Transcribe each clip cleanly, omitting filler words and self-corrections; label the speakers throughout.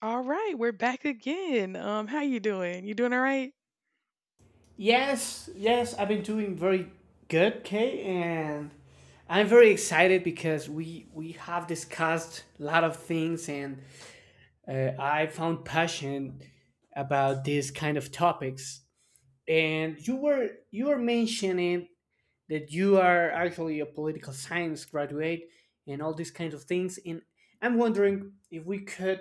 Speaker 1: All right, we're back again. How you doing? You doing all right?
Speaker 2: Yes, I've been doing very good, Kay, and I'm very excited because we have discussed a lot of things, and I found passion about these kind of topics. And you were mentioning that you are actually a political science graduate and all these kinds of things, and I'm wondering if we could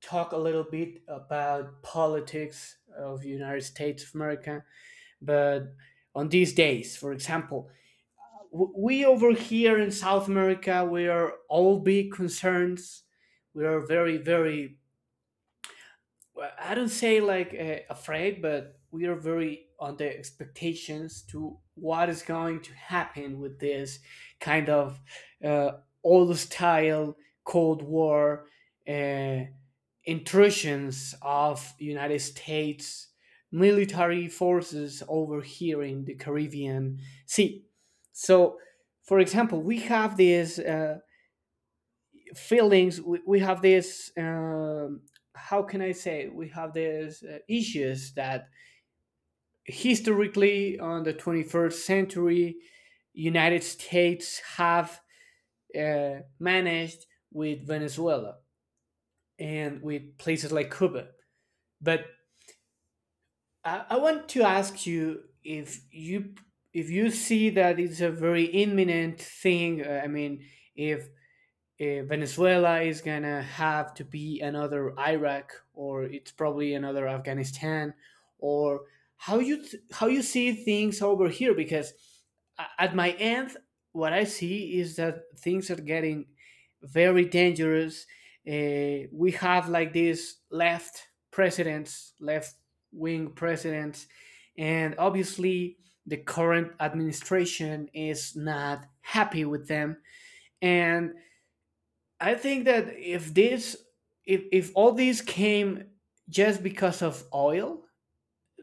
Speaker 2: talk a little bit about politics of United States of America, but on these days, for example, we over here in South America, we are all big concerns. We are well, I don't say like afraid, but we are very on the expectations to what is going to happen with this kind of uh, old style Cold War uh, intrusions of United States military forces over here in the Caribbean Sea. So, for example, we have these feelings, we have how can I say, we have these issues that historically on the 21st century, United States have managed with Venezuela and with places like Cuba. But I want to ask you if you if you see that it's a very imminent thing. I mean, if Venezuela is gonna have to be another Iraq, or it's probably another Afghanistan, or how you see things over here? Because at my end, what I see is that things are getting very dangerous. We have like these left presidents, left wing presidents, and obviously the current administration is not happy with them, and I think that if this if all these came just because of oil,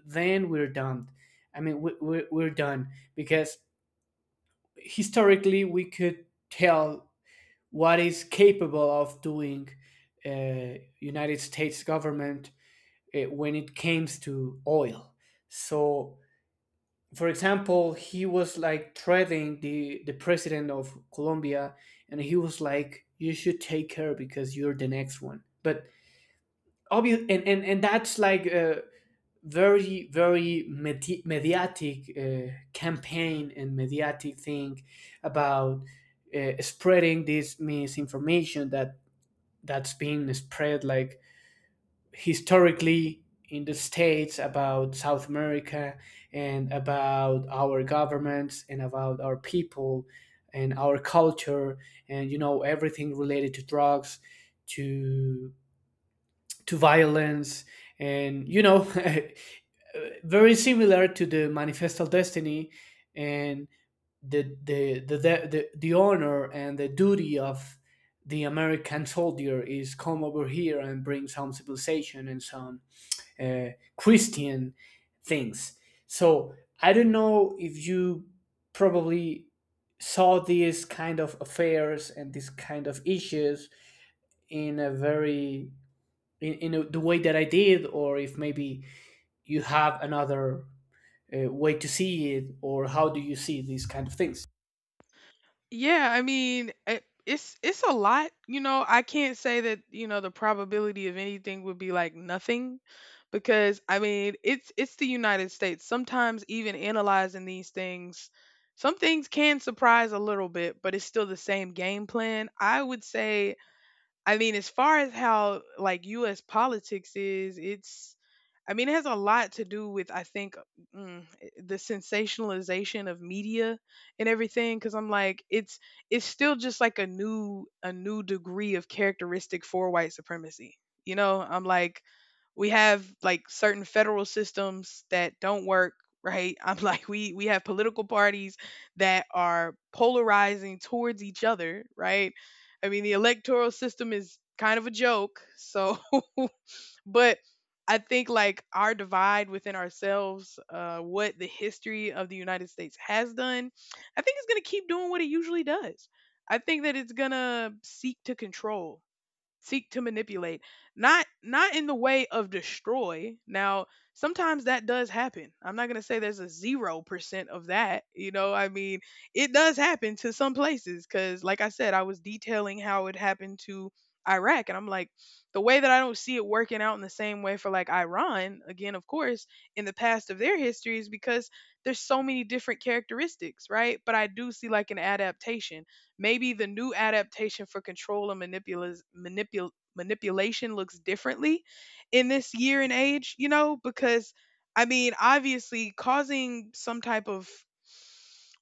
Speaker 2: then we're done. I mean, we're done because historically we could tell what is capable of doing United States government when it comes to oil. So, for example, he was like threatening the president of Colombia, and he was like, "You should take her because you're the next one." But obvious and that's like a very mediatic campaign and mediatic thing about spreading this misinformation that that's being spread like historically in the States about South America, and about our governments, and about our people and our culture, and you know everything related to drugs, to to violence, and you know, very similar to the manifestal destiny, and the honor and the duty of the American soldier is come over here and bring some civilization and some uh, Christian things. So I don't know if you probably saw these kind of affairs and these kind of issues in a the way that I did, or if maybe you have another way to see it, or how do you see these kind of things?
Speaker 1: Yeah, I mean, it's a lot, you know. I can't say that, you know, the probability of anything would be like nothing, because I mean, it's the United States. Sometimes even analyzing these things, some things can surprise a little bit, but it's still the same game plan. I would say, I mean, as far as how like U.S. politics is, it's, I mean, it has a lot to do with I think the sensationalization of media and everything. Because I'm like, it's still just like a new degree of characteristic for white supremacy. You know, I'm like, we have like certain federal systems that don't work. Right. I'm like, we have political parties that are polarizing towards each other. Right, I mean, the electoral system is kind of a joke. So, but I think like our divide within ourselves, what the history of the United States has done, I think it's going to keep doing what it usually does. I think that it's going to seek to control, seek to manipulate, not in the way of destroy now. Sometimes that does happen. I'm not going to say there's a 0% of that, you know. I mean, it does happen to some places, cuz like I said, I was detailing how it happened to Iraq, and I'm like, the way that I don't see it working out in the same way for like Iran, again, of course, in the past of their history, is because there's so many different characteristics, right? But I do see like an adaptation. Maybe the new adaptation for control and manipulation looks differently in this year and age, you know, because I mean, obviously, causing some type of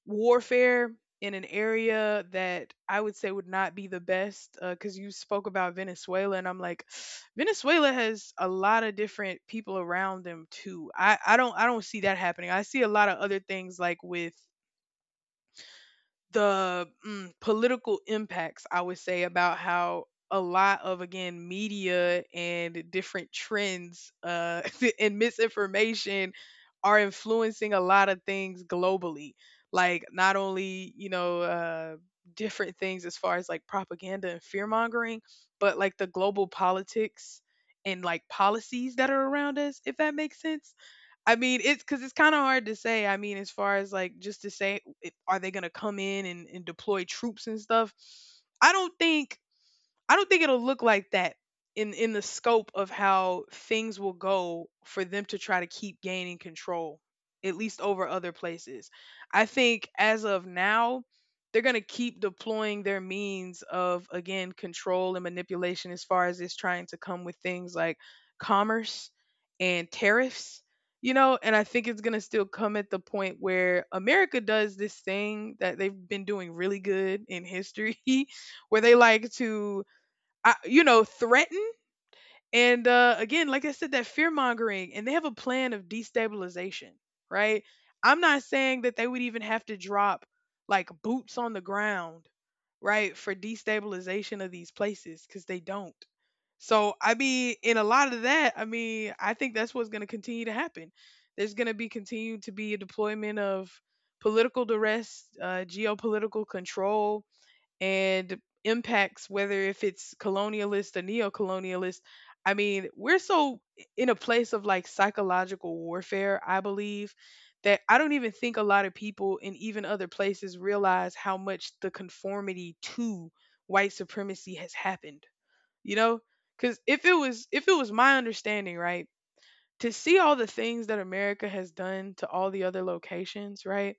Speaker 1: warfare in an area that I would say would not be the best, because you spoke about Venezuela, and I'm like, Venezuela has a lot of different people around them too. I don't see that happening. I see a lot of other things like with the political impacts, I would say, about how a lot of, again, media and different trends, and misinformation are influencing a lot of things globally, like not only, you know, different things as far as like propaganda and fear mongering, but like the global politics and like policies that are around us, if that makes sense. I mean, it's because it's kind of hard to say. I mean, as far as like just to say, it, are they going to come in and deploy troops and stuff? I don't think I don't think it'll look like that in the scope of how things will go for them to try to keep gaining control, at least over other places. I think as of now, they're going to keep deploying their means of, again, control and manipulation, as far as it's trying to come with things like commerce and tariffs. You know, and I think it's going to still come at the point where America does this thing that they've been doing really good in history, where they like to, I, you know, threaten. And, again, like I said, that fear mongering, and they have a plan of destabilization, right? I'm not saying that they would even have to drop like boots on the ground, right, for destabilization of these places, because they don't. So, I mean, in a lot of that, I mean, I think that's what's going to continue to happen. There's going to be continued to be a deployment of political duress, geopolitical control, and impacts, whether if it's colonialist or neo-colonialist. I mean, we're so in a place of like psychological warfare, I believe, that I don't even think a lot of people in even other places realize how much the conformity to white supremacy has happened, you know. Because if it was my understanding, right, to see all the things that America has done to all the other locations, right,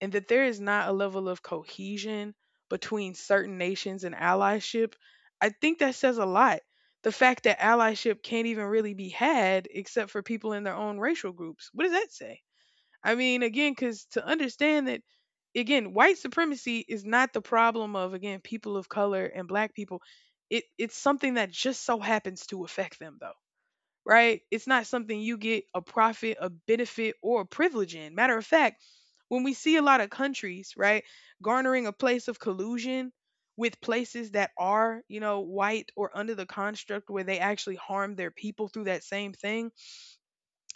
Speaker 1: and that there is not a level of cohesion between certain nations and allyship, I think that says a lot. The fact that allyship can't even really be had except for people in their own racial groups. What does that say? I mean, again, because to understand that, again, white supremacy is not the problem of, again, people of color and black people. It's something that just so happens to affect them, though, right? It's not something you get a profit, a benefit, or a privilege in. Matter of fact, when we see a lot of countries, right, garnering a place of collusion with places that are, you know, white or under the construct where they actually harm their people through that same thing,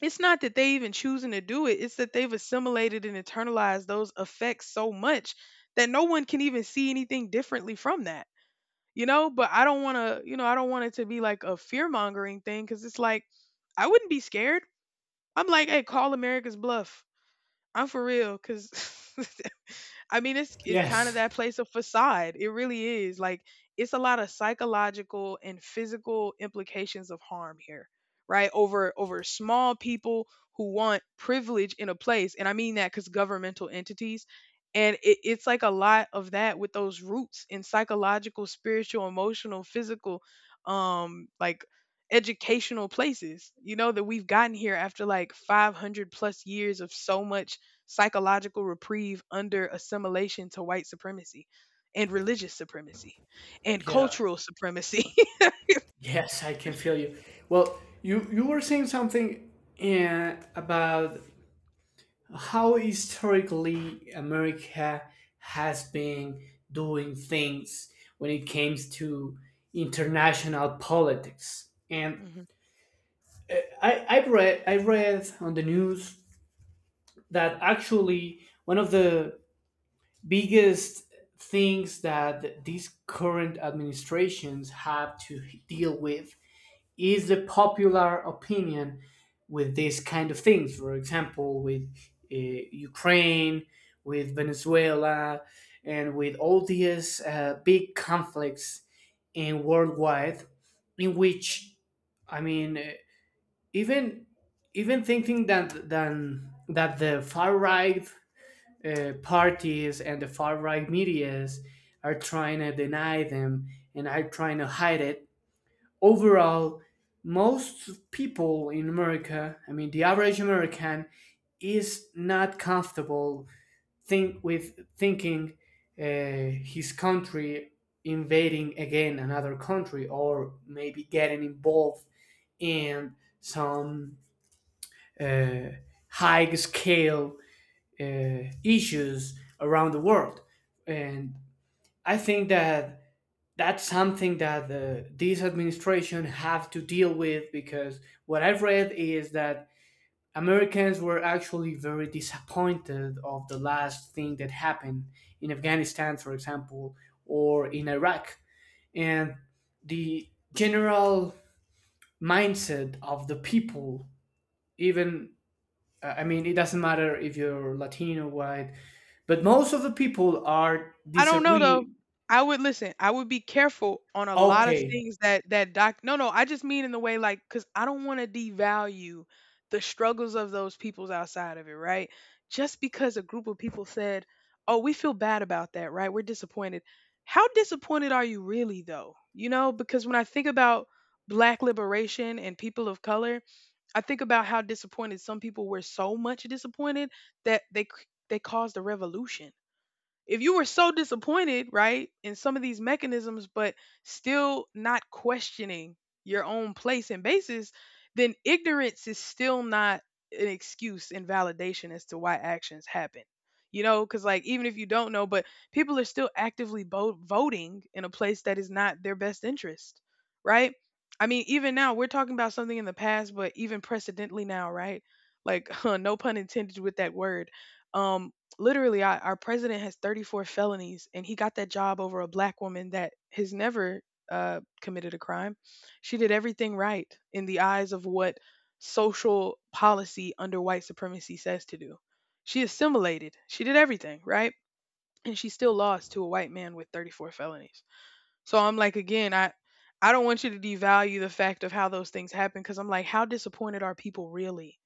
Speaker 1: it's not that they even choosing to do it, it's that they've assimilated and internalized those effects so much that no one can even see anything differently from that, you know. But I don't want to, you know, I don't want it to be like a fear mongering thing, because it's like, I wouldn't be scared. I'm like, hey, call America's bluff. I'm for real, because I mean, it's kind of
Speaker 2: Yes,
Speaker 1: that place of facade. It really is. Like, it's a lot of psychological and physical implications of harm here, right? Over small people who want privilege in a place, and I mean that because governmental entities, and it's like a lot of that with those roots in psychological, spiritual, emotional, physical, like educational places. You know that we've gotten here after like 500 plus years of so much psychological reprieve under assimilation to white supremacy and religious supremacy and
Speaker 2: yeah,
Speaker 1: cultural supremacy.
Speaker 2: yes, I can feel you. Well, you were saying something about how historically America has been doing things when it comes to international politics, and
Speaker 1: Mhm.
Speaker 2: I read on the news that actually one of the biggest things that these current administrations have to deal with is the popular opinion with these kind of things. For example, with Ukraine, with Venezuela, and with all these big conflicts in worldwide, in which I mean, even even thinking that than that the far right parties and the far right medias are trying to deny them and are trying to hide it. Overall, most people in America, I mean, the average American, is not comfortable think with thinking uh, his country invading again another country or maybe getting involved in some uh, high scale issues around the world. And I think that that's something that this administration have to deal with because what I've read is that Americans were actually very disappointed of the last thing that happened in Afghanistan, for example, or in Iraq. And the general mindset of the people, even I mean, it doesn't matter if you're Latino, white, but most of the people are
Speaker 1: I don't know though.
Speaker 2: disagree.
Speaker 1: I would listen. I would be careful on a lot of
Speaker 2: Okay.
Speaker 1: things that that doc. No, no. I just mean in the way, like, because I don't want to devalue the struggles of those peoples outside of it, right? Just because a group of people said, "Oh, we feel bad about that," right? We're disappointed. How disappointed are you really, though? You know, because when I think about black liberation and people of color, I think about how disappointed some people were, so much disappointed that they they caused a revolution, if you were so disappointed, right, in some of these mechanisms, but still not questioning your own place and basis, then ignorance is still not an excuse and validation as to why actions happen. You know, because like, even if you don't know, but people are still actively voting in a place that is not their best interest, right? I mean, even now we're talking about something in the past, but even precedently now, right? Like, no pun intended with that word. Um, Literally, our president has 34 felonies, and he got that job over a black woman that has never committed a crime. She did everything right in the eyes of what social policy under white supremacy says to do. She assimilated, she did everything right, and she still lost to a white man with 34 felonies. So I'm like, again, I don't want you to devalue the fact of how those things happen, because I'm like, how disappointed are people really?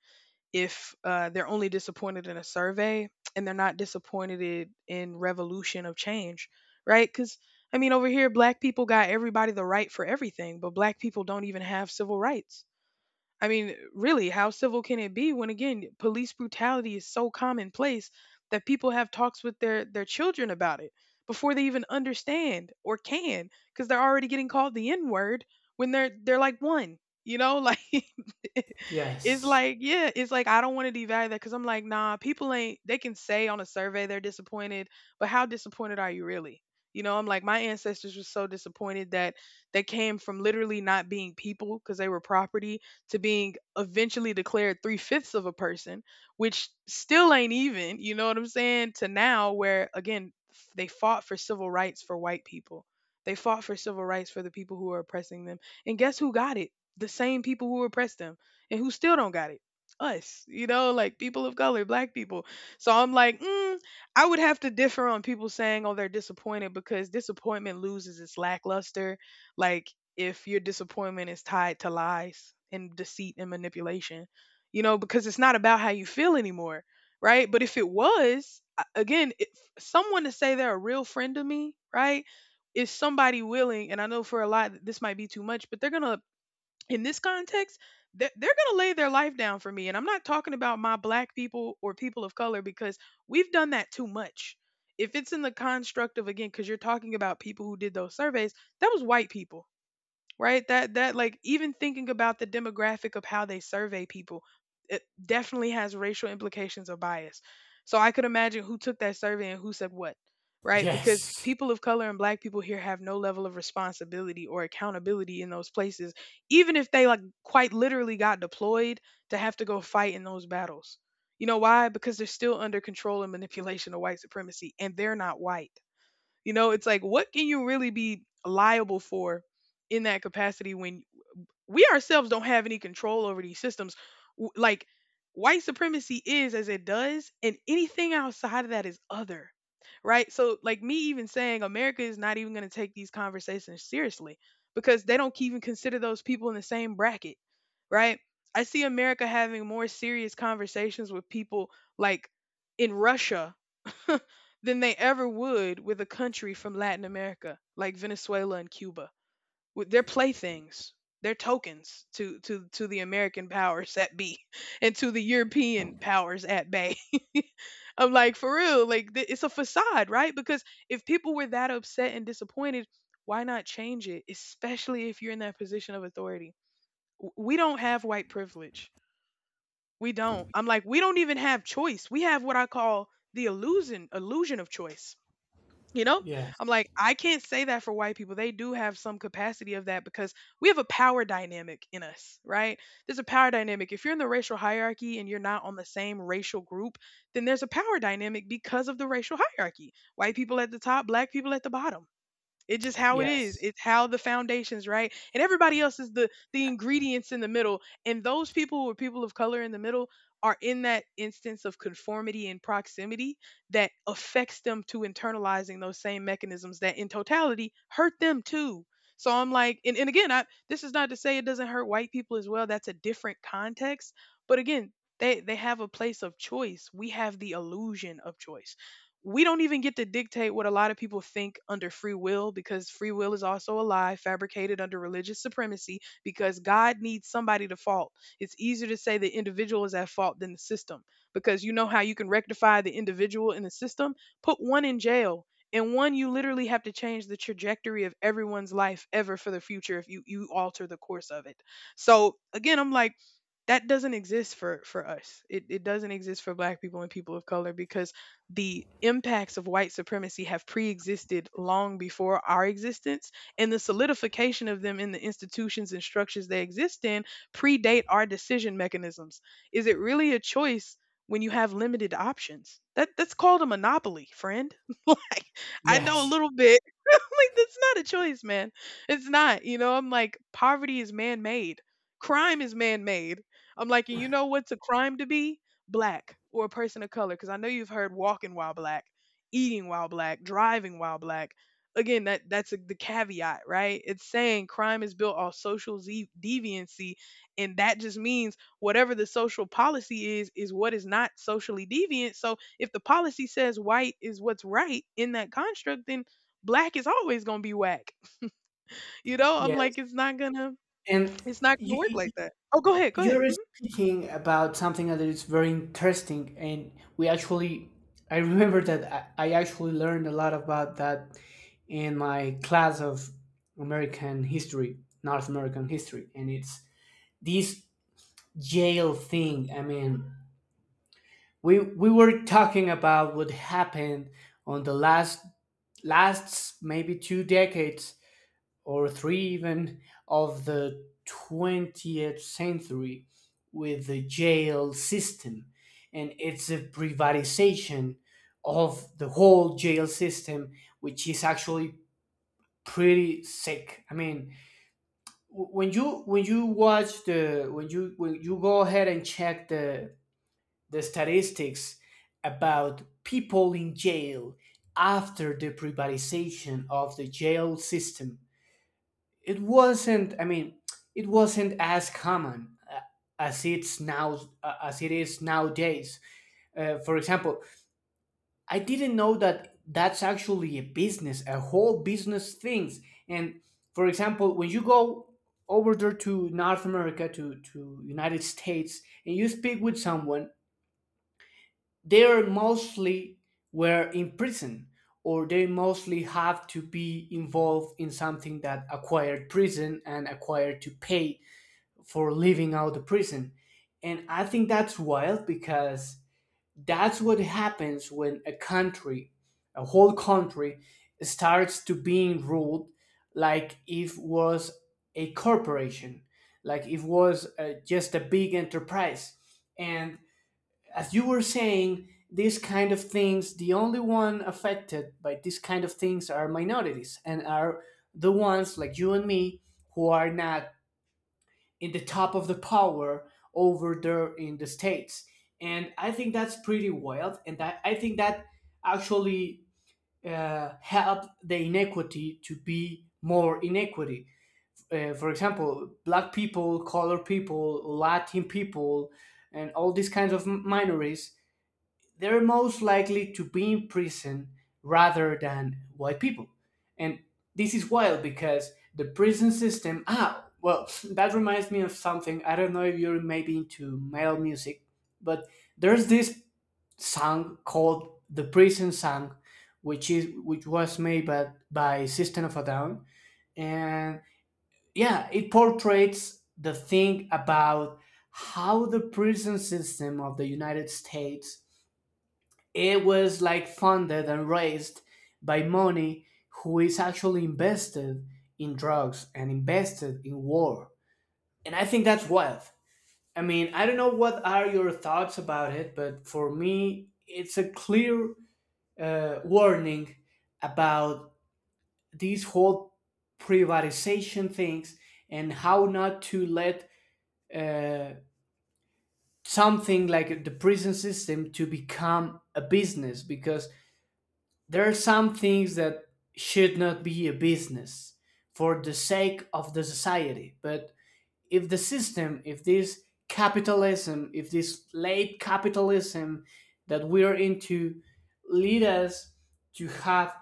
Speaker 1: If they're only disappointed in a survey and they're not disappointed in revolution of change, right? Because I mean, over here, black people got everybody the right for everything, but black people don't even have civil rights. I mean, really, how civil can it be when, again, police brutality is so commonplace that people have talks with their children about it before they even understand or can, because they're already getting called the N-word when they're like one. You know, like, it's
Speaker 2: Yes.
Speaker 1: like, yeah, it's like, I don't want to devalue that because I'm like, nah, people ain't, they can say on a survey they're disappointed, but how disappointed are you really? You know, I'm like, my ancestors were so disappointed that they came from literally not being people because they were property, to being eventually declared three-fifths of a person, which still ain't even, you know what I'm saying, to now, where, again, they fought for civil rights for white people. They fought for civil rights for the people who are oppressing them. And guess who got it? The same people who oppressed them and who still don't got it. Us, you know, like people of color, black people. So I'm like, mm, I would have to differ on people saying, oh, they're disappointed, because disappointment loses its lackluster. Like, if your disappointment is tied to lies and deceit and manipulation, you know, because it's not about how you feel anymore, right? But if it was, again, if someone to say they're a real friend of me, right, is somebody willing, and I know for a lot this might be too much, but they're gonna, in this context, they're gonna lay their life down for me. And I'm not talking about my black people or people of color because we've done that too much. If it's in the construct of again, because you're talking about people who did those surveys, that was white people, right. That like, even thinking about the demographic of how they survey people, it definitely has racial implications or bias. So I could imagine who took that survey and who said what, right? Because
Speaker 2: Yes.
Speaker 1: people of color and black people here have no level of responsibility or accountability in those places, even if they like quite literally got deployed to have to go fight in those battles. You know why? Because they're still under control and manipulation of white supremacy and they're not white. You know, it's like what can you really be liable for in that capacity when we ourselves don't have any control over these systems. Like, white supremacy is as it does, and anything outside of that is other. Right? So like, me even saying America is not even going to take these conversations seriously because they don't even consider those people in the same bracket, right? I see America having more serious conversations with people like in Russia than they ever would with a country from Latin America like Venezuela and Cuba, with their playthings, their tokens to to the American powers that be and to the European powers at bay. I'm like, for real, like it's a facade, right? Because if people were that upset and disappointed, why not change it, especially if you're in that position of authority? We don't have white privilege. We don't. I'm like, we don't even have choice. We have what I call the illusion of choice, you know?
Speaker 2: Yes.
Speaker 1: I'm like, I can't say that for white people. They do have some capacity of that because we have a power dynamic in us, right? There's a power dynamic. If you're in the racial hierarchy and you're not on the same racial group, then there's a power dynamic because of the racial hierarchy. White people at the top, black people at the bottom. It's just how it is.
Speaker 2: Yes.
Speaker 1: It's how the foundations, right? And everybody else is the ingredients in the middle. And those people who are people of color in the middle are in that instance of conformity and proximity that affects them to internalizing those same mechanisms that in totality hurt them too. So I'm like, and again, I, this is not to say it doesn't hurt white people as well. That's a different context. But again, they have a place of choice. We have the illusion of choice. We don't even get to dictate what a lot of people think under free will, because free will is also a lie fabricated under religious supremacy because God needs somebody to fault. It's easier to say the individual is at fault than the system, because you know how you can rectify the individual in the system? Put one in jail. And one, you literally have to change the trajectory of everyone's life ever for the future if you alter the course of it. So again, I'm like, that doesn't exist for us. It doesn't exist for black people and people of color because the impacts of white supremacy have pre-existed long before our existence, and the solidification of them in the institutions and structures they exist in predate our decision mechanisms. Is it really a choice when you have limited options? That's called a monopoly, friend. Like, I know a
Speaker 2: Yes.
Speaker 1: little bit. Like, that's not a choice, man. It's not. You know, I'm like, poverty is man-made, crime is man-made. I'm like, and you know what's a crime? To be black or a person of color, because I know you've heard walking while black, eating while black, driving while black. Again, that's a, the caveat, right? It's saying crime is built off social deviancy, and that just means whatever the social policy is what is not socially deviant. So if the policy says white is what's right in that construct, then black is always going to be whack. You know, I'm like,
Speaker 2: Yes.
Speaker 1: it's not gonna,
Speaker 2: And
Speaker 1: it's not gonna
Speaker 2: you,
Speaker 1: work like
Speaker 2: you-
Speaker 1: that. Oh, go ahead, go ahead.
Speaker 2: you're speaking about something that is very interesting, and we actually, I remember that I actually learned a lot about that in my class of American history, North American history, and it's this jail thing. I mean, we were talking about what happened on the last maybe two decades or three even of the 20th century with the jail system and it's a privatization of the whole jail system, which is actually pretty sick. I mean, w- when you watch the when you go ahead and check the statistics about people in jail after the privatization of the jail system, it wasn't, I mean, it wasn't as common, as it is nowadays. For example, I didn't know that that's actually a business, a whole business things. And for example, when you go over there to North America, to United States, and you speak with someone, they are mostly were in prison, or they mostly have to be involved in something that acquired prison and acquired to pay for living out the prison. And I think that's wild because that's what happens when a country, a whole country, starts to being ruled like if was a corporation, like it was just a big enterprise. And as you were saying, these kind of things, the only one affected by these kind of things are minorities, and are the ones like you and me who are not in the top of the power over there in the States. And I think that's pretty wild. And I think that actually helped the inequity to be more inequity. For example, black people, color people, Latin people, and all these kinds of minorities, they're most likely to be in prison rather than white people. And this is wild because the prison system, ah, well, that reminds me of something. I don't know if you're maybe into metal music, but there's this song called The Prison Song, which was made by System of a Down. And yeah, it portrays the thing about how the prison system of the United States, it was like funded and raised by money who is actually invested in drugs and invested in war. And I think that's wild. I mean, I don't know what are your thoughts about it, but for me, it's a clear warning about these whole privatization things, and how not to let uh, something like the prison system to become a business. Because there are some things that should not be a business for the sake of the society. But if the system, if this capitalism, if this late capitalism that we're into lead us to have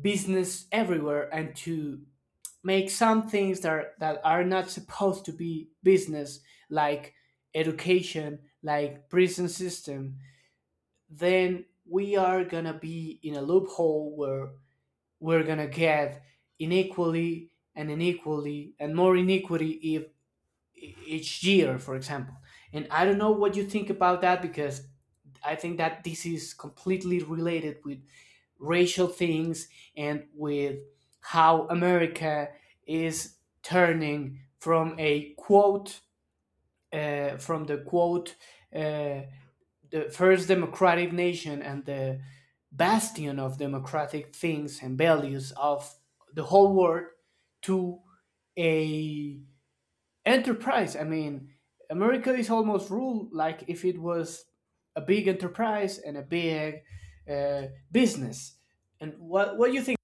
Speaker 2: business everywhere, and to make some things that are not supposed to be business, like education, like prison system, then we are gonna be in a loophole where we're gonna get inequally and inequally and more inequity if each year, for example. And I don't know what you think about that, because I think that this is completely related with racial things, and with how America is turning from a quote, uh, the first democratic nation and the bastion of democratic things and values of the whole world, to a enterprise. I mean, America is almost ruled like if it was a big enterprise and a big business. And what do you think?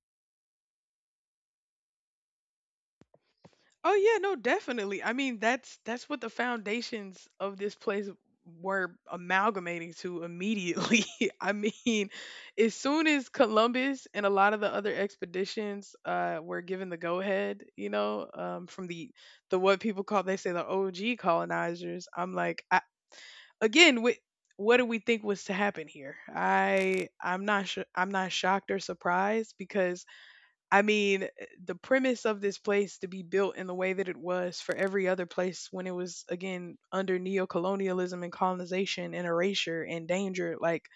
Speaker 1: Oh yeah, no, definitely. I mean, that's what the foundations of this place were amalgamating to immediately. I mean, as soon as Columbus and a lot of the other expeditions were given the go ahead, you know, from the what people call, they say, the OG colonizers, I'm like, I, again, what do we think was to happen here? I'm not sure, I'm not shocked or surprised because I mean, the premise of this place to be built in the way that it was, for every other place when it was, again, under neocolonialism and colonization and erasure and danger, like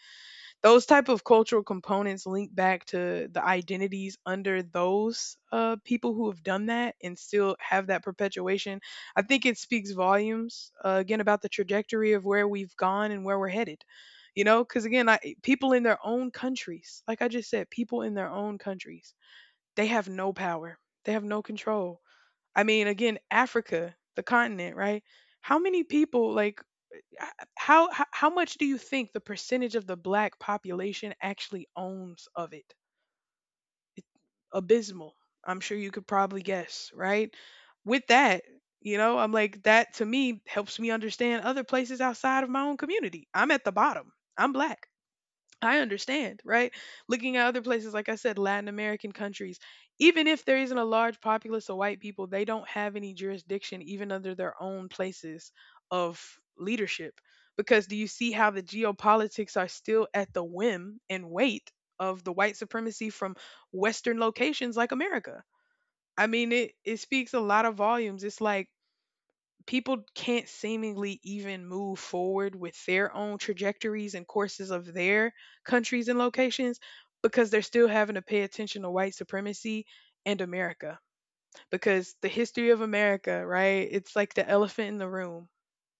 Speaker 1: those type of cultural components link back to the identities under those people who have done that and still have that perpetuation. I think it speaks volumes, again, about the trajectory of where we've gone and where we're headed. You know, because again, I, people in their own countries, like I just said, people in their own countries, they have no power. They have no control. I mean, again, Africa, the continent, right? How many people like h- how how much do you think the percentage of the black population actually owns of it? Abysmal. I'm sure you could probably guess, right? With that, you know, I'm like, that to me helps me understand other places outside of my own community. I'm at the bottom. I'm black. I understand, right? Looking at other places, like I said, Latin American countries, even if there isn't a large populace of white people, they don't have any jurisdiction even under their own places of leadership. Because do you see how the geopolitics are still at the whim and weight of the white supremacy from Western locations like America? I mean, it speaks a lot of volumes. It's like, people can't seemingly even move forward with their own trajectories and courses of their countries and locations because they're still having to pay attention to white supremacy and America. Because the history of America, right? It's like the elephant in the room.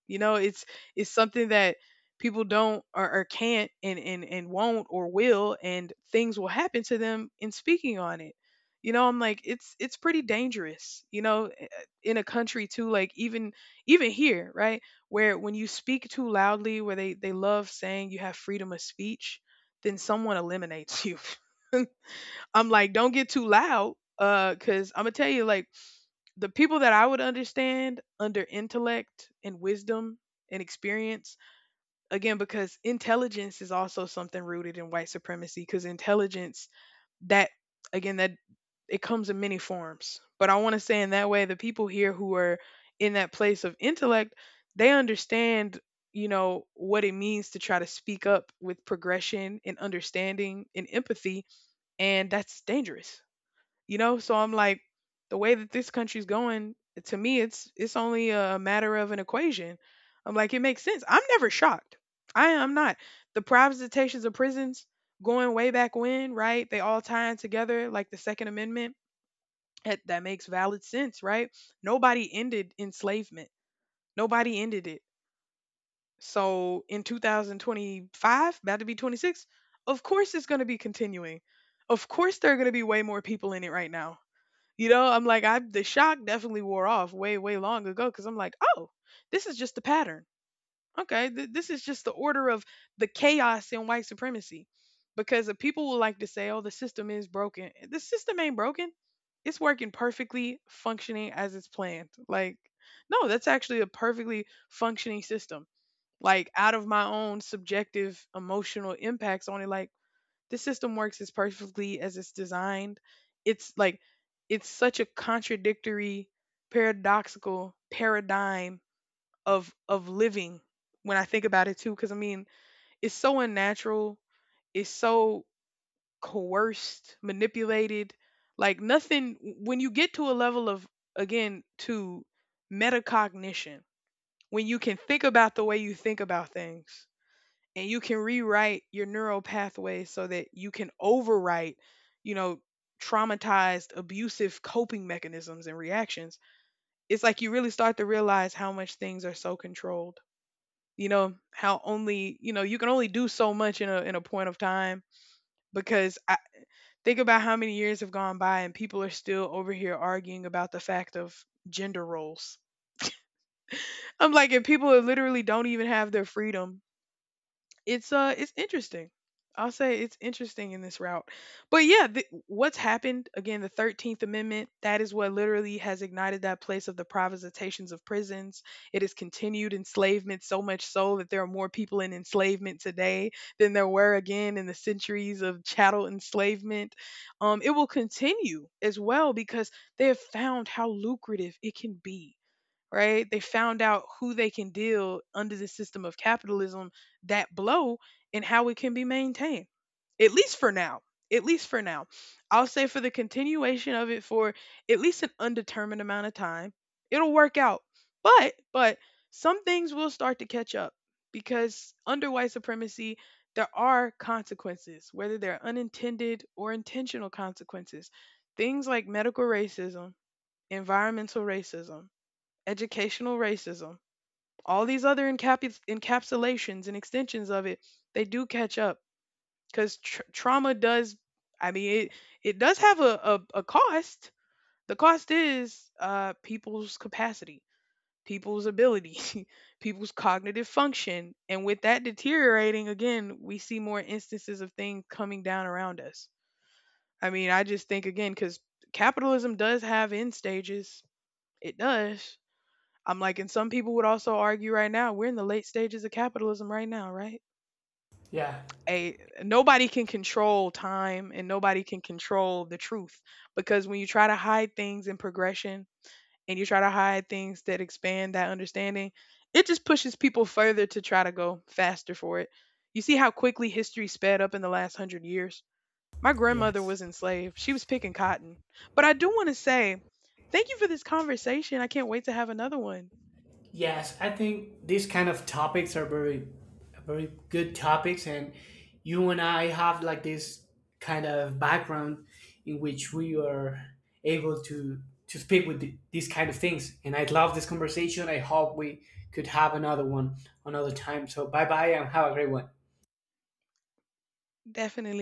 Speaker 1: You know, it's something that people don't, or can't, and won't, or will, and things will happen to them in speaking on it. You know, I'm like, it's pretty dangerous, you know, in a country too, like even here, right? Where when you speak too loudly, where they love saying you have freedom of speech, then someone eliminates you. I'm like, don't get too loud, cause I'm gonna tell you, like, the people that I would understand under intellect and wisdom and experience, again, because intelligence is also something rooted in white supremacy, because intelligence, that, again, that it comes in many forms. But I want to say in that way, the people here who are in that place of intellect, they understand, you know, what it means to try to speak up with progression and understanding and empathy. And that's dangerous. You know, so I'm like, the way that this country's going, to me it's only a matter of an equation. I'm like, it makes sense. I'm never shocked, I am not. The privatizations of prisons going way back when, right? They all tie in together, like the second amendment. That makes valid sense, right? Nobody ended enslavement. Nobody ended it. So in 2025, about to be 26, of course it's going to be continuing. Of course there are going to be way more people in it right now. You know, I'm like, I, the shock definitely wore off way, way long ago, because I'm like, oh, this is just the pattern. Okay, this is just the order of the chaos in white supremacy, because the people will like to say, oh, the system is broken. The system ain't broken. It's working perfectly, functioning as it's planned. Like, no, that's actually a perfectly functioning system. Like, out of my own subjective emotional impacts on it, like this system works as perfectly as it's designed. It's like it's such a contradictory, paradoxical paradigm of living when I think about it too, because I mean, it's so unnatural, it's so coerced, manipulated. Like, nothing, when you get to a level of, again, to metacognition, when you can think about the way you think about things and you can rewrite your neural pathways so that you can overwrite, you know, traumatized, abusive coping mechanisms and reactions, it's like you really start to realize how much things are so controlled. You know, how only, you know, you can only do so much in a point of time, because I think about how many years have gone by and people are still over here arguing about the fact of gender roles. I'm like, if people literally don't even have their freedom, it's interesting. I'll say it's interesting in this route. But yeah, what's happened, again, the 13th amendment, that is what literally has ignited that place of the privatizations of prisons. It has continued enslavement so much so that there are more people in enslavement today than there were, again, in the centuries of chattel enslavement. It will continue as well because they have found how lucrative it can be, right? They found out who they can deal under the system of capitalism that blow, and how it can be maintained, at least for now. At least for now. I'll say for the continuation of it for at least an undetermined amount of time, it'll work out. But, some things will start to catch up because under white supremacy, there are consequences, whether they're unintended or intentional consequences. Things like medical racism, environmental racism, educational racism, all these other encapsulations and extensions of it, they do catch up because trauma does. I mean, it does have a cost. The cost is people's capacity, people's ability, people's cognitive function, and with that deteriorating, again, we see more instances of things coming down around us. I mean, I just think again because capitalism does have end stages. It does. I'm like, and some people would also argue right now, we're in the late stages of capitalism right now, right?
Speaker 2: Yeah,
Speaker 1: A nobody can control time and nobody can control the truth, because when you try to hide things in progression and you try to hide things that expand that understanding, it just pushes people further to try to go faster for it. You see how quickly history sped up in the last 100 years? My grandmother was
Speaker 2: yes.
Speaker 1: enslaved. She was picking cotton. But I do want to say, thank you for this conversation. I can't wait to have another one.
Speaker 2: Yes, I think these kind of topics are very, very good topics, and you and I have like this kind of background in which we are able to speak with the, these kind of things. And I love this conversation. I hope we could have another one another time. So bye bye and have a great one.
Speaker 1: Definitely.